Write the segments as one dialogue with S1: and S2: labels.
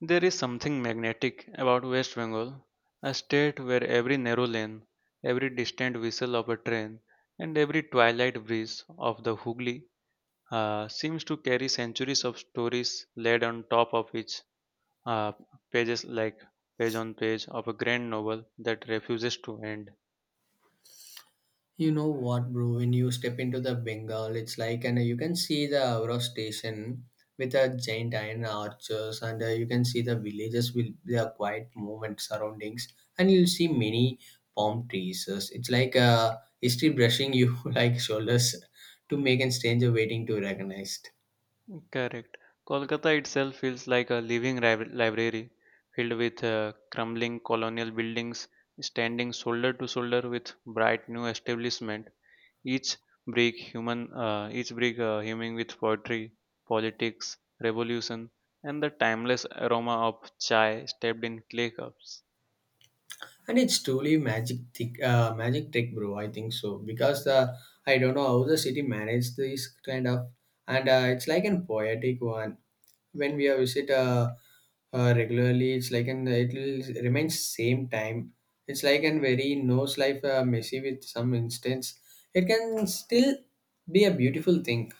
S1: There is something magnetic about West Bengal, a state where every narrow lane, every distant whistle of a train, and every twilight breeze of the Hooghly seems to carry centuries of stories laid on top of each uh, pages like page on page of a grand novel that refuses to end.
S2: You know what, bro? When you step into the Bengal, it's like, and you can see the Avra station with a giant iron arches, and you can see the villages with their quiet movement surroundings, and you'll see many palm trees. So it's like history brushing you like shoulders to make a stranger waiting to recognize.
S1: Correct. Kolkata itself feels like a living library filled with crumbling colonial buildings standing shoulder to shoulder with bright new establishment. Each each break humming with poetry, politics, revolution, and the timeless aroma of chai steeped in clay cups.
S2: And it's truly magic, thick, magic trick, bro. I think so because the I don't know how the city managed this kind of, and it's like a poetic one when we visit regularly it's like an it will remain same time, it's like an very nose life messy with some instance, it can still be a beautiful thing.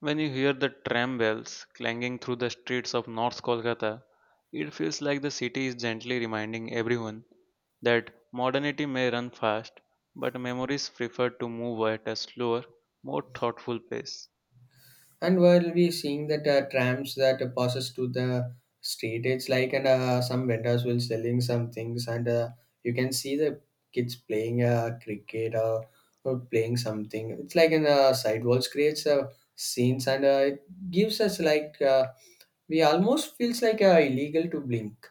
S1: When you hear the tram bells clanging through the streets of North Kolkata, it feels like the city is gently reminding everyone that modernity may run fast, but memories prefer to move at a slower, more thoughtful pace.
S2: And while we seeing that trams that passes to the street, it's like and some vendors will selling some things, and you can see the kids playing cricket or playing something, it's like in sidewalls creates scenes, and it gives us like we almost feels like illegal to blink.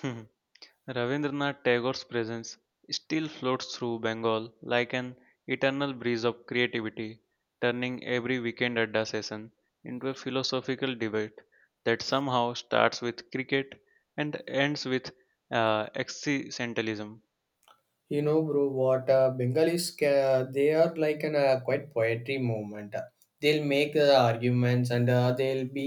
S1: Ravindranath Tagore's presence still floats through Bengal like an eternal breeze of creativity, turning every weekend adda session into a philosophical debate that somehow starts with cricket and ends with existentialism.
S2: You know bro what bengalis they are like an quite poetry movement, they'll make arguments, and they'll be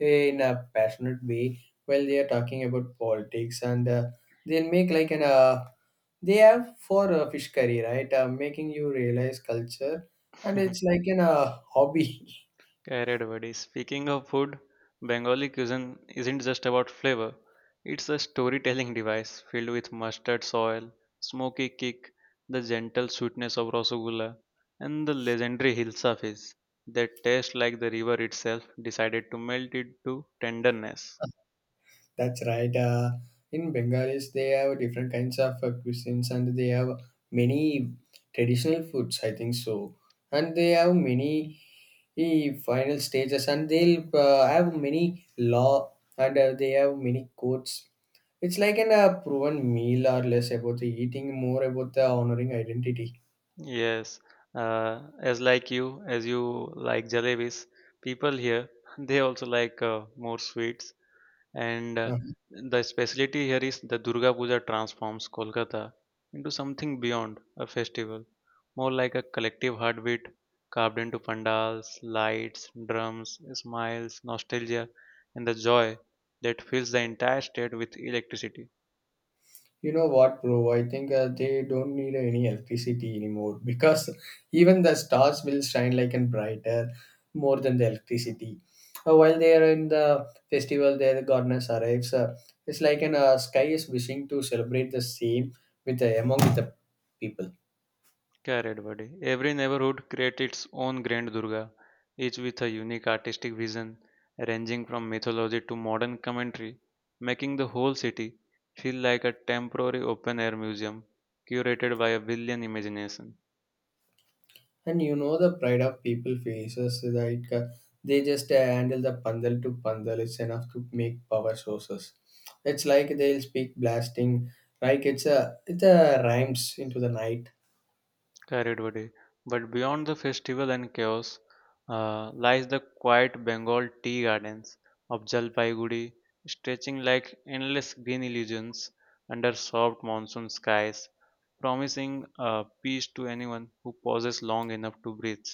S2: in a passionate way while they are talking about politics, and they'll make like an they have for fish curry right making you realize culture, and it's like an hobby.
S1: Carried Wadi. Speaking of food, Bengali cuisine isn't just about flavor. It's a storytelling device filled with mustard soil, smoky kick, the gentle sweetness of rasagulla, and the legendary hilsa fish, that taste like the river itself decided to melt it to tenderness.
S2: That's right. In Bengalis, they have different kinds of cuisines, and they have many traditional foods, I think so. And they have many final stages, and they'll have many law, and they have many codes. It's like an proven meal or less about the eating, more about the honoring identity.
S1: Yes, as you like jalebis, people here they also like more sweets. And
S2: Uh-huh.
S1: the specialty here is the Durga Puja transforms Kolkata into something beyond a festival, more like a collective heartbeat carved into pandals, lights, drums, smiles, nostalgia, and the joy that fills the entire state with electricity.
S2: You know what, bro? I think they don't need any electricity anymore because even the stars will shine like and brighter more than the electricity. While they are in the festival, their goddess arrives. It's like an sky is wishing to celebrate the same with the among the people.
S1: Correct, buddy. Every neighborhood creates its own Grand Durga, each with a unique artistic vision, ranging from mythology to modern commentary, making the whole city feel like a temporary open air museum curated by a brilliant imagination.
S2: And you know the pride of people faces that they just handle the pandal to pandal. It's enough to make power sources. It's like they'll speak blasting, like it's a rhymes into the night.
S1: Correct, buddy. But beyond the festival and chaos lies the quiet Bengal tea gardens of Jalpaiguri, stretching like endless green illusions under soft monsoon skies, promising peace to anyone who pauses long enough to breathe.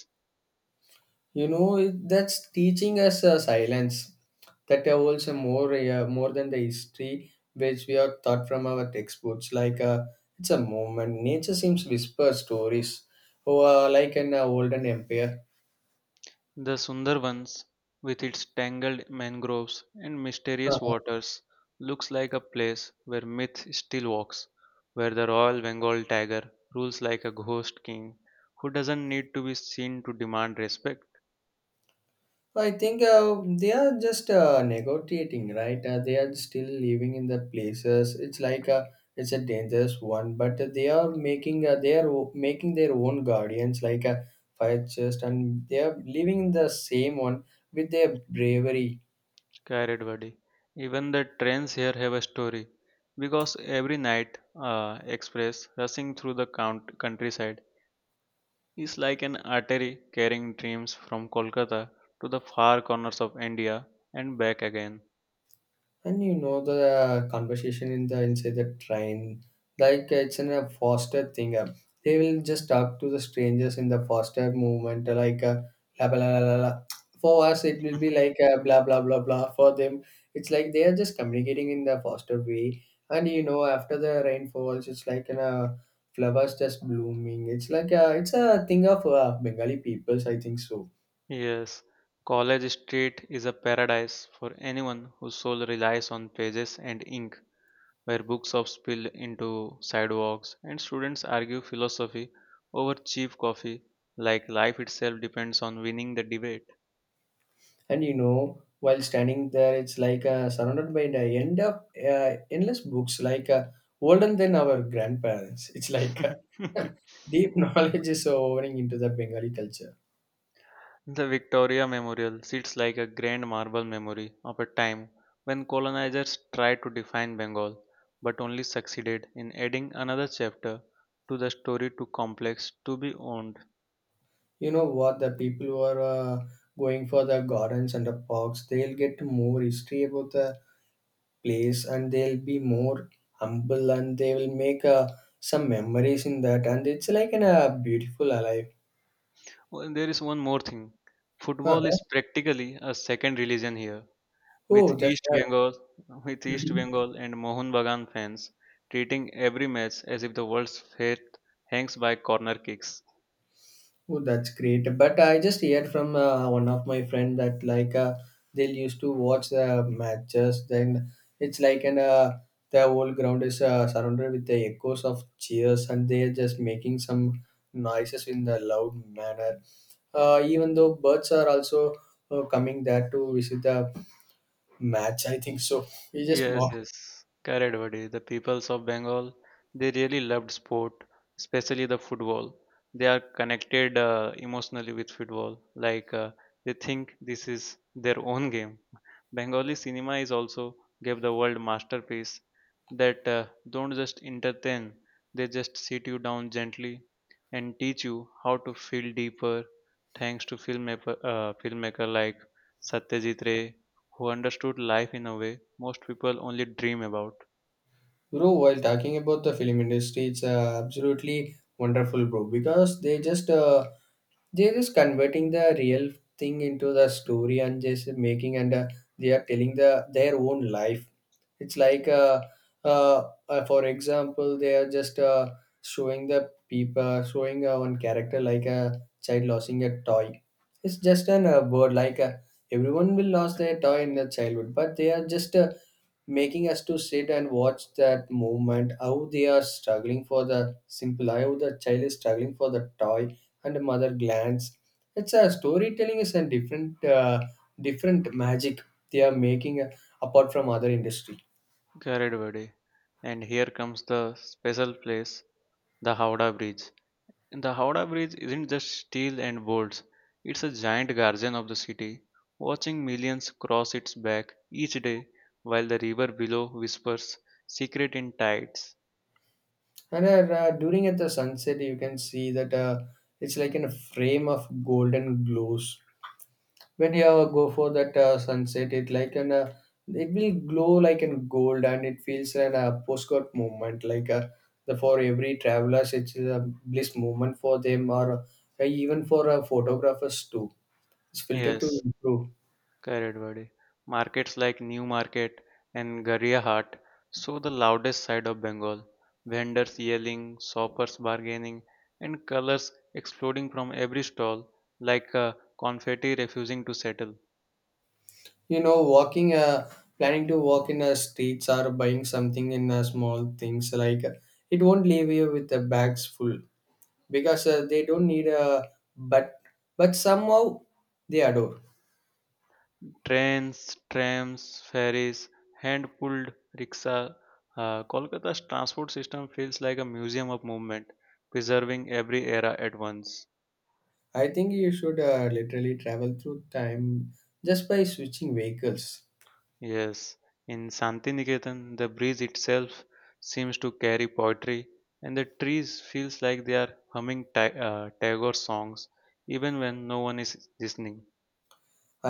S2: You know it, that's teaching us silence. That holds a more more than the history which we are taught from our textbooks. Like it's a moment. Nature seems whisper stories, or like an olden empire.
S1: The Sundarbans, with its tangled mangroves and mysterious waters, looks like a place where myth still walks, where the Royal Bengal tiger rules like a ghost king who doesn't need to be seen to demand respect.
S2: So, I think they are just negotiating, right? They are still living in the places. It's like a it's a dangerous one, but they are making they are making their own guardians, like a fire chest, and they are living in the same one with their bravery.
S1: Carried body. Even the trains here have a story, because every night express rushing through the countryside is like an artery carrying dreams from Kolkata to the far corners of India and back again.
S2: And you know the conversation in the inside the train, like it's in a faster thing. They will just talk to the strangers in the faster movement, like blah, blah blah blah blah. For us, it will be like blah blah blah blah. For them, it's like they are just communicating in the faster way. And you know, after the rain falls, it's like in a flowers just blooming. It's like it's a thing of Bengali peoples, I think so.
S1: Yes, College Street is a paradise for anyone whose soul relies on pages and ink, where books are spilled into sidewalks and students argue philosophy over cheap coffee, like life itself depends on winning the debate.
S2: And you know, while standing there, it's like surrounded by the end of endless books, like older than our grandparents. It's like uh, deep knowledge is pouring into the Bengali culture.
S1: The Victoria Memorial sits like a grand marble memory of a time when colonizers tried to define Bengal, but only succeeded in adding another chapter to the story too complex to be owned.
S2: You know what? The people who are going for the gardens and the parks, they'll get more history about the place, and they'll be more humble, and they will make some memories in that. And it's like a beautiful life.
S1: Well, there is one more thing. Football
S2: Uh-huh.
S1: is practically a second religion here, with
S2: Oh, that's
S1: East Bengal,
S2: right.
S1: And Mohun Bagan fans treating every match as if the world's fate hangs by corner kicks.
S2: Oh, that's great. But I just heard from one of my friend that like they used to watch the matches. Then it's like an the whole ground is surrounded with the echoes of cheers, and they're just making some noises in the loud manner. Even though birds are also coming there to visit the match, I think so. We just
S1: Yes,
S2: mock.
S1: yes, correct, buddy. The peoples of Bengal, they really loved sport, especially the football. They are connected emotionally with football. Like they think this is their own game. Bengali cinema is also gave the world masterpiece that don't just entertain, they just sit you down gently and teach you how to feel deeper. Thanks to filmmaker like Satyajit Ray who understood life in a way most people only dream about.
S2: Bro, while talking about the film industry, it's absolutely wonderful, bro. Because they just they're just converting the real thing into the story and just making, and they are telling the their own life. It's like uh, for example, they are just showing the people showing one character like a child losing a toy. It's just an word like everyone will lose their toy in their childhood, but they are just making us to sit and watch that movement how they are struggling for the simple how the child is struggling for the toy and the mother glance, it's a storytelling is a different different magic they are making apart from other industry.
S1: Carried Vade. And here comes the special place, the Howrah Bridge. And the Howrah Bridge isn't just steel and bolts, it's a giant guardian of the city, watching millions cross its back each day while the river below whispers secret in tides.
S2: And during at the sunset you can see that it's like in a frame of golden glows, when you go for that sunset it like an it will glow like an gold, and it feels an postcard moment like the for every travelers it's a bliss moment for them, or even for photographers too, it's filtered to
S1: Yes,
S2: improve.
S1: correct, buddy. Markets like New Market and Garriyahat show the loudest side of Bengal. Vendors yelling, shoppers bargaining, and colors exploding from every stall like confetti refusing to settle.
S2: You know walking planning to walk in streets or buying something in small things like it won't leave you with the bags full because they don't need a but somehow they adore.
S1: Trains, trams, ferries, hand pulled rickshaw. Kolkata's transport system feels like a museum of movement, preserving every era at once.
S2: I think you should literally travel through time just by switching vehicles.
S1: Yes, in Santiniketan, the breeze itself seems to carry poetry, and the trees feels like they are humming Tagore songs, even when no one is listening.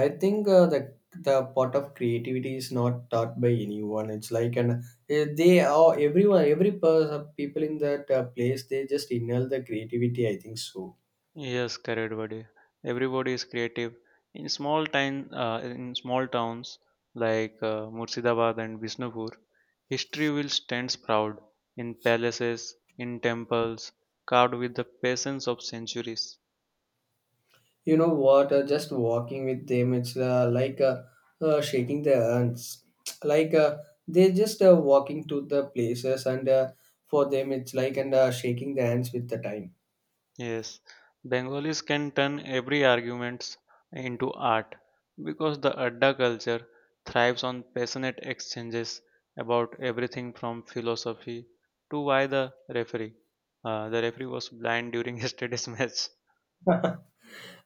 S2: I think the part of creativity is not taught by anyone. It's like an they are everyone every person people in that place they just inhale the creativity. I think so.
S1: Yes, correct, buddy. Everybody is creative. In small towns like Murshidabad and Visnupur, history will stand proud in palaces, in temples, carved with the patience of centuries.
S2: You know what? Just walking with them, it's like shaking their hands. Like they just walking to the places, and for them it's like and shaking their hands with the time.
S1: Yes, Bengalis can turn every arguments into art because the Adda culture thrives on passionate exchanges about everything from philosophy to why the referee. The referee was blind during yesterday's match.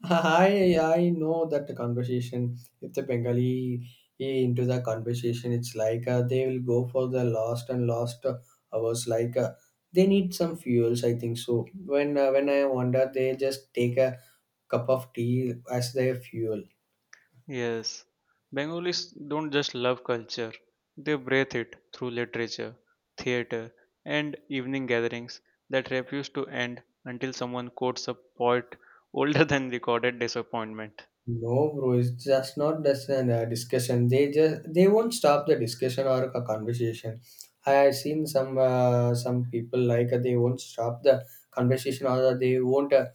S2: I know that the conversation. If the Bengali into the conversation, it's like they will go for the lost and lost hours. Like they need some fuels, I think so. When I wonder, they just take a cup of tea as their fuel.
S1: Yes, Bengalis don't just love culture, they breathe it through literature, theater, and evening gatherings that refuse to end until someone quotes a poet older than recorded disappointment.
S2: No, bro, it's just not just a discussion. They won't stop the discussion or a conversation. I seen some people like they won't stop the conversation or they won't. Uh,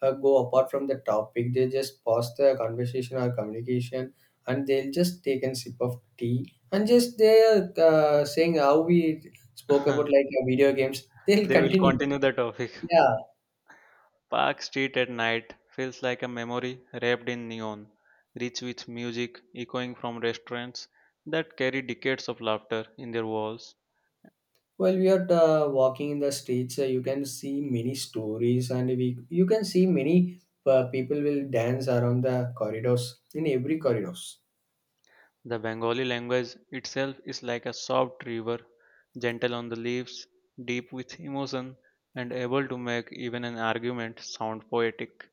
S2: uh, Go apart from the topic. They just pause the conversation or communication, and they'll just take a sip of tea and just they're saying how we spoke about like video games. They'll
S1: They will
S2: continue.
S1: continue the topic.
S2: Yeah.
S1: Park Street at night feels like a memory wrapped in neon, rich with music echoing from restaurants that carry decades of laughter in their walls.
S2: While we are walking in the streets, you can see many stories, and we you can see many people will dance around the corridors in every corridors.
S1: The Bengali language itself is like a soft river, gentle on the leaves, deep with emotion, and able to make even an argument sound poetic.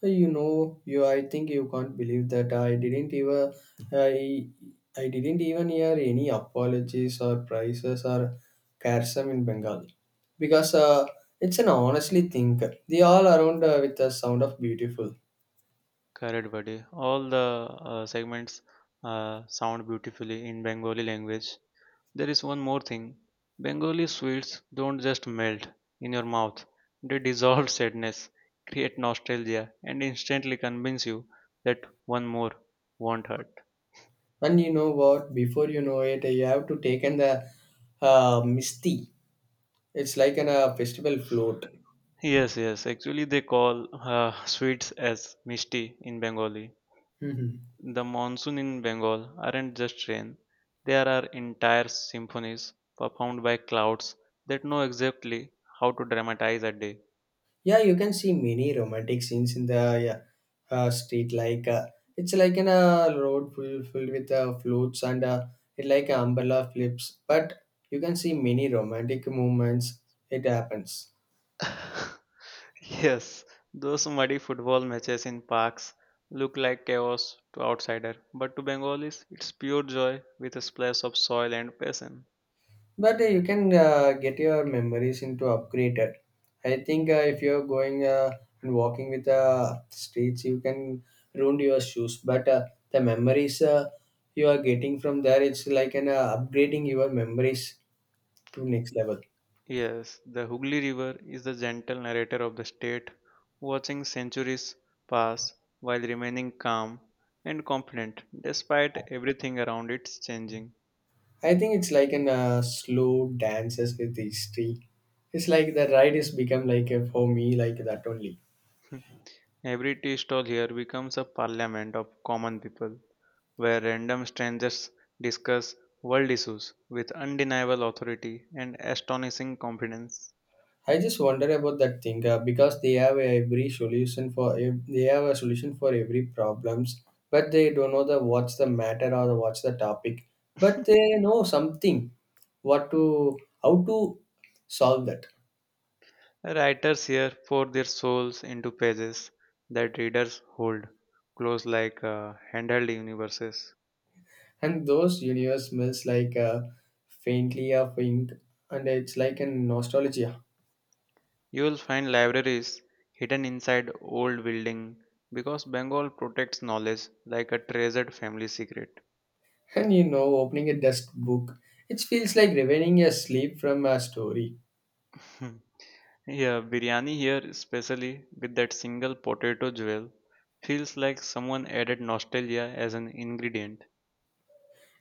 S2: So, you know, you. I think you can't believe that I didn't even I, I didn't even hear any apologies or prices or karsam in Bengali, because it's an honestly thing. They all around with the sound of beautiful,
S1: Correct, buddy. All the segments sound beautifully in Bengali language. There is one more thing. Bengali sweets don't just melt in your mouth. They dissolve sadness, create nostalgia, and instantly convince you that one more won't hurt.
S2: and you know what? Before you know it, you have to take in the misti. It's like an a festival float.
S1: Yes, yes. Actually, they call sweets as mishti in Bengali. The monsoon in Bengal aren't just rain. There are entire symphonies performed by clouds that know exactly how to dramatize a day.
S2: Yeah, you can see many romantic scenes in the yeah, street. Like it's like in a road full, filled with floats, and it like an umbrella flips. But you can see many romantic moments. It happens.
S1: Yes, those muddy football matches in parks look like chaos to outsider, but to Bengalis it's pure joy with a splash of soil and passion.
S2: But you can get your memories into upgraded. I think if you're going and walking with the streets, you can ruin your shoes. But the memories you are getting from there, it's like an upgrading your memories to next level.
S1: Yes, the Hooghly River is the gentle narrator of the state, watching centuries pass while remaining calm and confident despite everything around it changing.
S2: I think it's like an slow dances with history. It's like the ride has become like for me like that only.
S1: Every tea stall here becomes a parliament of common people, where random strangers discuss world issues with undeniable authority and astonishing confidence.
S2: I just wonder about that thing because they have every solution for they have a solution for every problems, but they don't know the what's the matter or what's the topic. But they know something, what to how to solve that.
S1: Writers here pour their souls into pages that readers hold close like handheld universes.
S2: And those universe smells like faintly of ink, and it's like a nostalgia.
S1: You will find libraries hidden inside old building because Bengal protects knowledge like a treasured family secret.
S2: And you know, opening a dust book, it feels like revealing a sleep from a story.
S1: Yeah, biryani here, especially with that single potato jewel, feels like someone added nostalgia as an ingredient.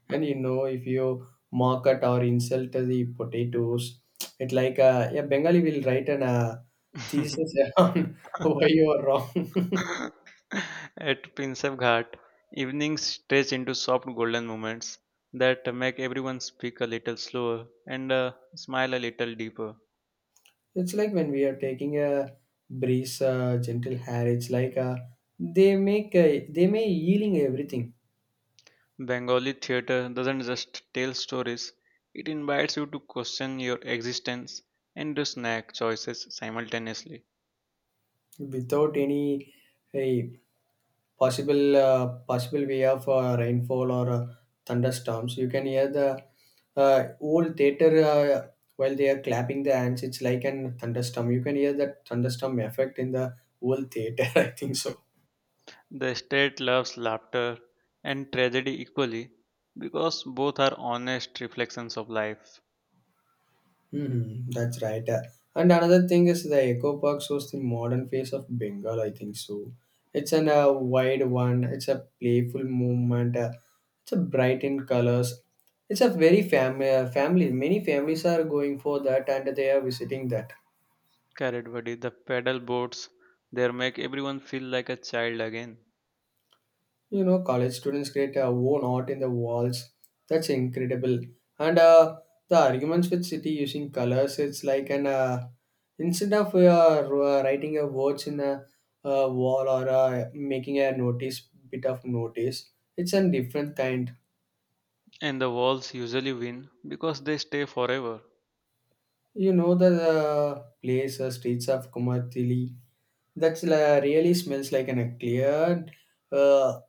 S2: And you know, if you mock at or insult the potatoes, it like a Bengali will write an thesis on why you are wrong.
S1: At Prinsep Ghat, evenings stretch into soft golden moments that make everyone speak a little slower and smile a little deeper.
S2: It's like when we are taking a breeze, gentle air. It's like they make they may yielding everything
S1: Bengali theatre doesn't just tell stories, it invites you to question your existence and to snack choices simultaneously.
S2: without any. uh, possible possible way of rainfall or thunderstorms. You can hear the whole theater while they are clapping their hands. It's like an thunderstorm. You can hear that thunderstorm effect in the whole theater. I think so.
S1: The state loves laughter and tragedy equally because both are honest reflections of life.
S2: That's right. And another thing is the Eco Park shows the modern face of Bengal, I think so. It's an wide one, it's a playful movement, it's a bright in colors. It's a very family. Many families are going for that and they are visiting that.
S1: Correct, buddy. The paddle boards there make everyone feel like a child again.
S2: You know, college students create their own art in the walls. That's incredible. And the arguments with city using colors, it's like an instead of writing a words in a, wall or making a notice bit of notice, it's a different kind.
S1: And the walls usually win because they stay forever.
S2: You know the place, streets of Kumarthili. That's really smells like an, a cleared, uh,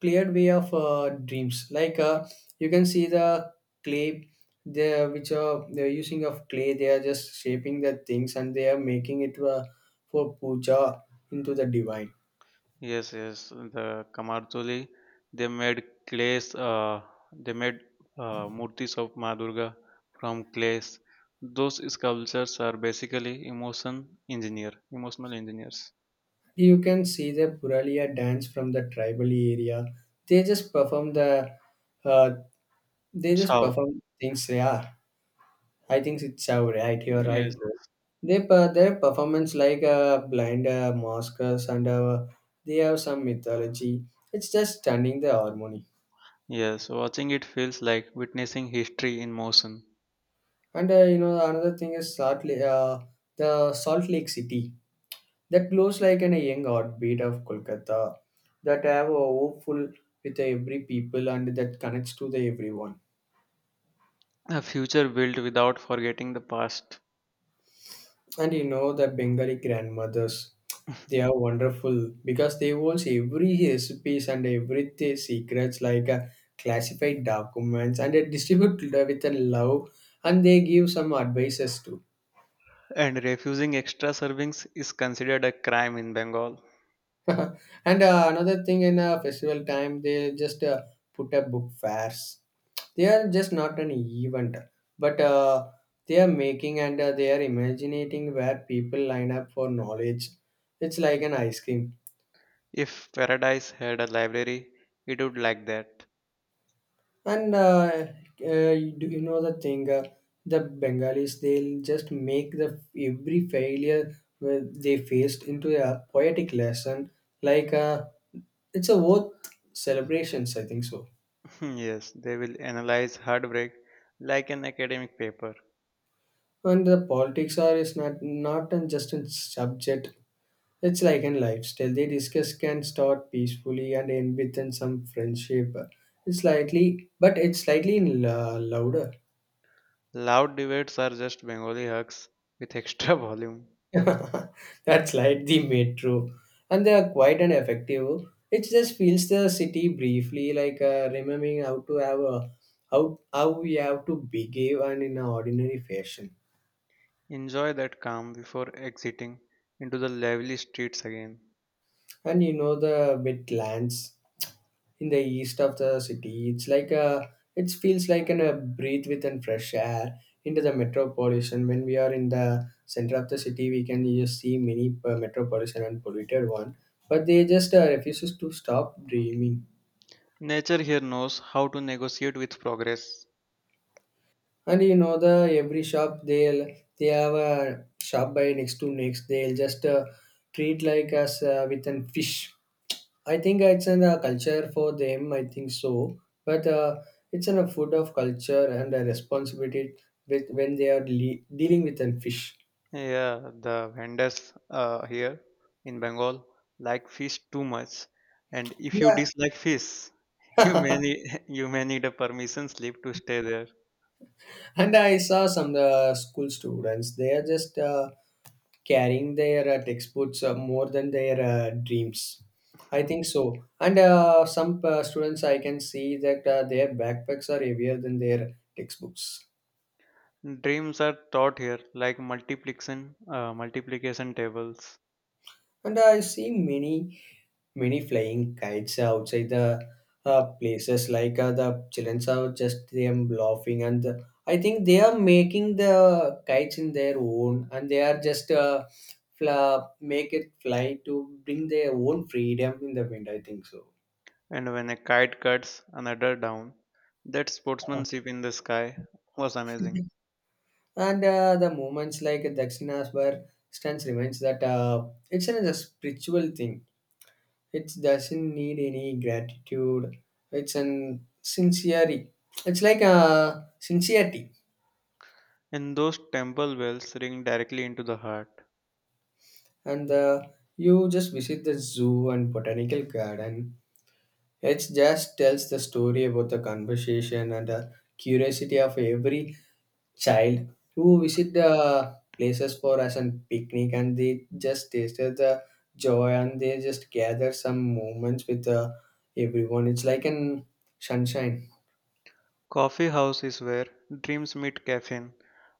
S2: cleared way of dreams. You can see the clay, they which are they're using of clay. They are just shaping the things and they are making it for puja into the divine.
S1: Yes, yes. The Kamarthuli, they made clays. They made murtis of Ma Durga from clays. Those sculptures are basically emotional engineers.
S2: You can see the Puralia dance from the tribal area. They just perform the, uh, they just
S1: How?
S2: perform things. Yeah. I think it's right. You're right,
S1: Yes.
S2: bro. Their performance like blind maskers and they have some mythology. It's just stunning the harmony.
S1: Yes, watching it feels like witnessing history in motion,
S2: And You know another thing is Salt Lake, the Salt Lake City that glows like an, a young heartbeat of Kolkata that have a hopeful with every people and that connects to the everyone.
S1: a future built without forgetting the past.
S2: And you know the Bengali grandmothers, they are wonderful because they hold every recipes and everything secrets like classified documents and they distribute it with a love and they give some advices too.
S1: And refusing extra servings is considered a crime in Bengal.
S2: And another thing in festival time, they just put up book fairs. They are just not an event, but they are making and they are imagining where people line up for knowledge. It's like an ice cream.
S1: If Paradise had a library, it would like that.
S2: And uh, do you know the thing? The Bengalis they'll just make the every failure where they faced into a poetic lesson. Like uh, it's a worth celebrations, I think so.
S1: Yes, they will analyze heartbreak like an academic paper.
S2: And the politics are is not an just a subject. It's like in lifestyle. They discuss can start peacefully and end within some friendship. It's slightly, but it's slightly in louder.
S1: Loud debates are just Bengali hugs with extra volume.
S2: That's like the metro. And they are quite an effective. It just feels the city briefly, like remembering how to have a how we have to behave and in an ordinary fashion.
S1: Enjoy that calm before exiting into the lively streets again.
S2: And you know the wetlands in the east of the city. It feels like an a breathe with and fresh air into the metro pollution. When we are in the center of the city, we can just see many metro pollution and polluted one, but they just refuses to stop dreaming.
S1: Nature here knows how to negotiate with progress.
S2: And you know the every shop they'll they have a shop by next to next. They'll just treat like us with an fish. I think it's in a culture for them. I think so, but it's in a food of culture and a responsibility with when they are dealing with a fish.
S1: Yeah, the vendors here in Bengal like fish too much, and if you
S2: Yeah,
S1: dislike fish, you may need a permission slip to stay there.
S2: and I saw some school students, they are just carrying their textbooks more than their dreams. I think so. And Some students, I can see that their backpacks are heavier than their textbooks.
S1: Dreams are taught here like multiplication tables,
S2: And I see many flying kites outside the places like the children are just them laughing and I think they are making the kites in their own and they make it fly to bring their own freedom in the wind I think so.
S1: and when a kite cuts another down, that sportsmanship in the sky was amazing.
S2: And the moments like dakshinas where stance reminds that it's a spiritual thing. It doesn't need any gratitude. It's an sincerity. It's like a sincerity.
S1: And those temple bells ring directly into the heart.
S2: And You just visit the zoo and botanical garden. It just tells the story about the conversation and the curiosity of every child who visit the places for us and picnic and they just tasted the joy and they just gather some moments with everyone. It's like an sunshine.
S1: Coffee House is where dreams meet caffeine,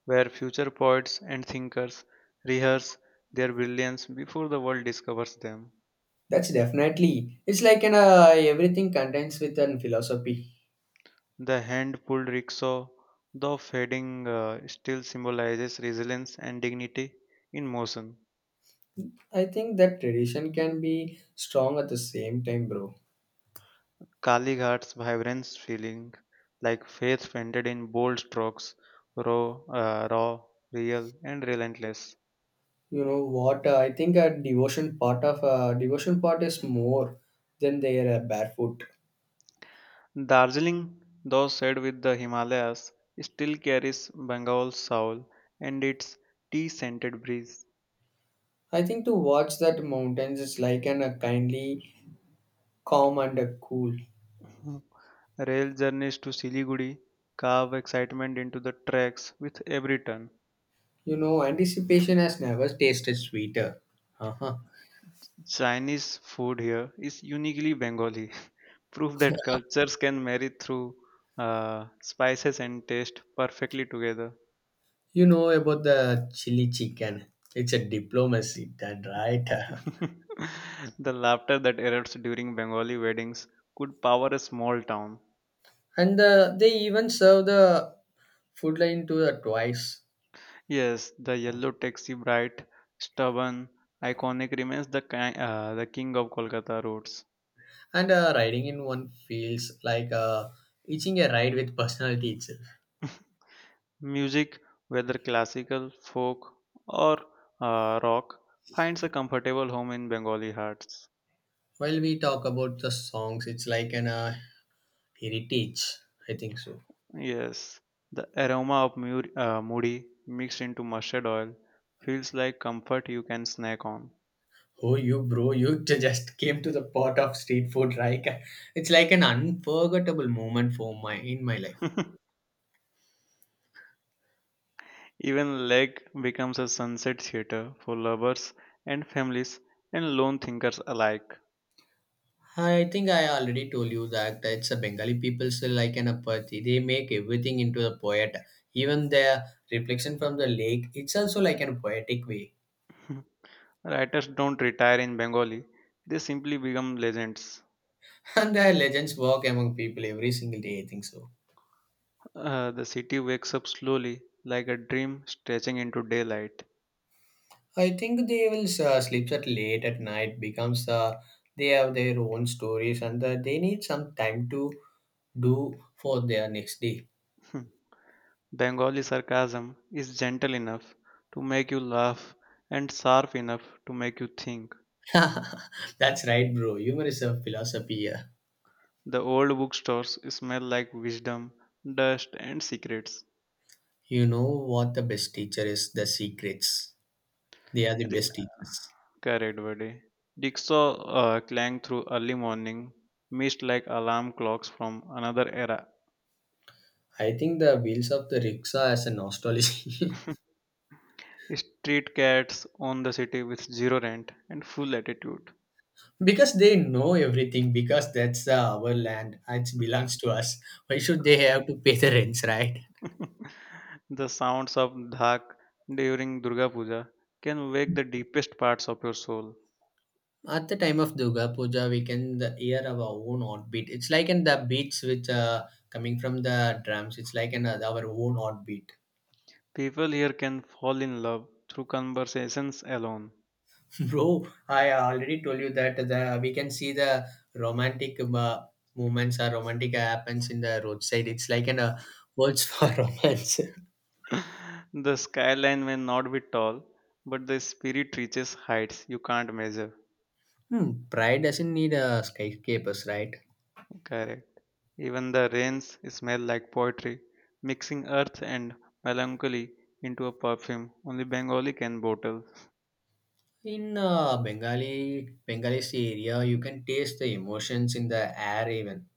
S1: where future poets and thinkers rehearse their brilliance before the world discovers them.
S2: That's definitely. It's like an everything contains with an philosophy.
S1: The hand pulled rickshaw, though fading, still symbolizes resilience and dignity in motion.
S2: I think that tradition can be strong at the same time, bro.
S1: Kalighat's vibrance feeling like faith painted in bold strokes, raw, raw, real, and relentless.
S2: You know what? I think a devotion part of devotion part is more than their barefoot.
S1: Darjeeling, though shared with the Himalayas, still carries Bengal's soul and its tea-scented breeze.
S2: I think to watch that mountains is like an kindly, calm and cool.
S1: Rail journeys to Siliguri carve excitement into the tracks with every turn.
S2: You know, anticipation has never tasted sweeter. Uh-huh.
S1: Chinese food here is uniquely Bengali, proof that cultures can marry through spices and taste perfectly together.
S2: You know about the chili chicken. It's a diplomacy done right.
S1: The laughter that erupts during Bengali weddings could power a small town.
S2: And they even serve the food line to the twice
S1: Yes, the yellow taxi, bright, stubborn, iconic, remains the the king of Kolkata roads.
S2: and riding in one feels like eating a ride with personality itself.
S1: Music, whether classical, folk, or rock, finds a comfortable home in Bengali hearts.
S2: While we talk about the songs it's like an heritage I think so.
S1: Yes, the aroma of moody mixed into mustard oil feels like comfort you can snack on.
S2: Oh you bro you just came to the pot of street food right, it's like an unforgettable moment for my in my life.
S1: Even Lake becomes a sunset theater for lovers and families and lone thinkers alike.
S2: I think I already told you that it's a Bengali people still like an apathy. They make everything into a poet. Even their reflection from the lake, it's also like in a poetic way.
S1: Writers don't retire in Bengali, they simply become legends.
S2: And their legends walk among people every single day, I think so.
S1: The city wakes up slowly, like a dream stretching into daylight.
S2: I think they will sleep at late at night, becomes they have their own stories and they need some time to do for their next day.
S1: Bengali sarcasm is gentle enough to make you laugh and sharp enough to make you think.
S2: That's right, bro. Humor is a philosophy here.
S1: The old bookstores smell like wisdom, dust, and secrets.
S2: You know what the best teacher is? The secrets. They are the
S1: Re-
S2: best teachers.
S1: Correct, buddy. Rickshaw clang through early morning, missed like alarm clocks from another era.
S2: I think the wheels of the rickshaw as a nostalgia.
S1: Street cats own the city with zero rent and full attitude.
S2: Because they know everything because that's our land. It belongs to us. Why should they have to pay the rents, right?
S1: The sounds of dhak during Durga Puja can wake the deepest parts of your soul.
S2: At the time of Durga Puja, we can the hear our own heartbeat. It's like in the beats which coming from the drums. It's like in our own heartbeat.
S1: People here can fall in love through conversations alone.
S2: Bro, I already told you that the we can see the romantic movements or romantic happens in the roadside. It's like an words for romance.
S1: The skyline may not be tall, but the spirit reaches heights you can't measure.
S2: Hmm, pride doesn't need skyscrapers, right?
S1: Correct. Even the rains smell like poetry, mixing earth and melancholy into a perfume only Bengali can bottle.
S2: In Bengali Bengalis area, you can taste the emotions in the air. Even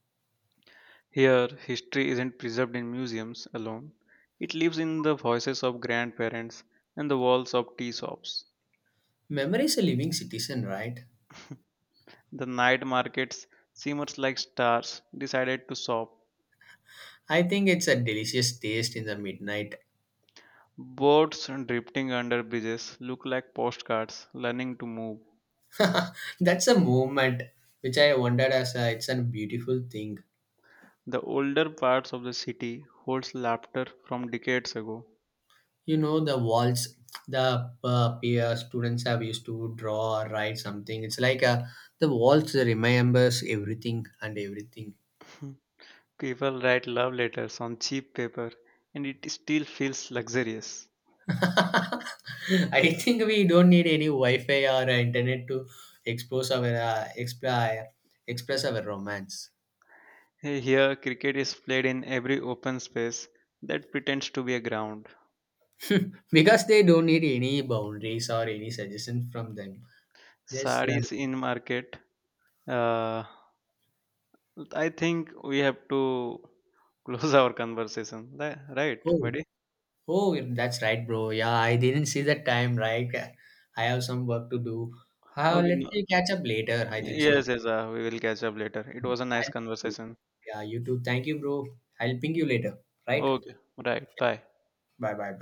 S1: Here, history isn't preserved in museums alone, it lives in the voices of grandparents and the walls of tea shops.
S2: memory is a living citizen, right?
S1: The night markets, shimmers like stars, decided to shop.
S2: I think it's a delicious taste in the midnight.
S1: Boats drifting under bridges look like postcards learning to move.
S2: That's a movement which I wondered as a it's a beautiful thing.
S1: The older parts of the city holds laughter from decades ago.
S2: You know the walls the peer students have used to draw or write something, it's like the walls remembers everything and everything.
S1: People write love letters on cheap paper and it still feels luxurious.
S2: I think we don't need any wi-fi or internet to expose our explore, express our romance.
S1: Hey, here, cricket is played in every open space that pretends to be a ground.
S2: Because they don't need any boundaries or any suggestion from them. Just
S1: Sarees in market. Uh, I think we have to close our conversation, right,
S2: Oh,
S1: buddy?
S2: oh, that's right, bro. Yeah, I didn't see the time, right? I have some work to do. How
S1: Okay,
S2: let's
S1: no.
S2: catch up later. I think so.
S1: Yes, yes, we will catch up later. It was a nice
S2: I'll,
S1: conversation.
S2: yeah, you too. Thank you, bro. I'll ping you later, right?
S1: Okay, right, bye.
S2: Bye bye.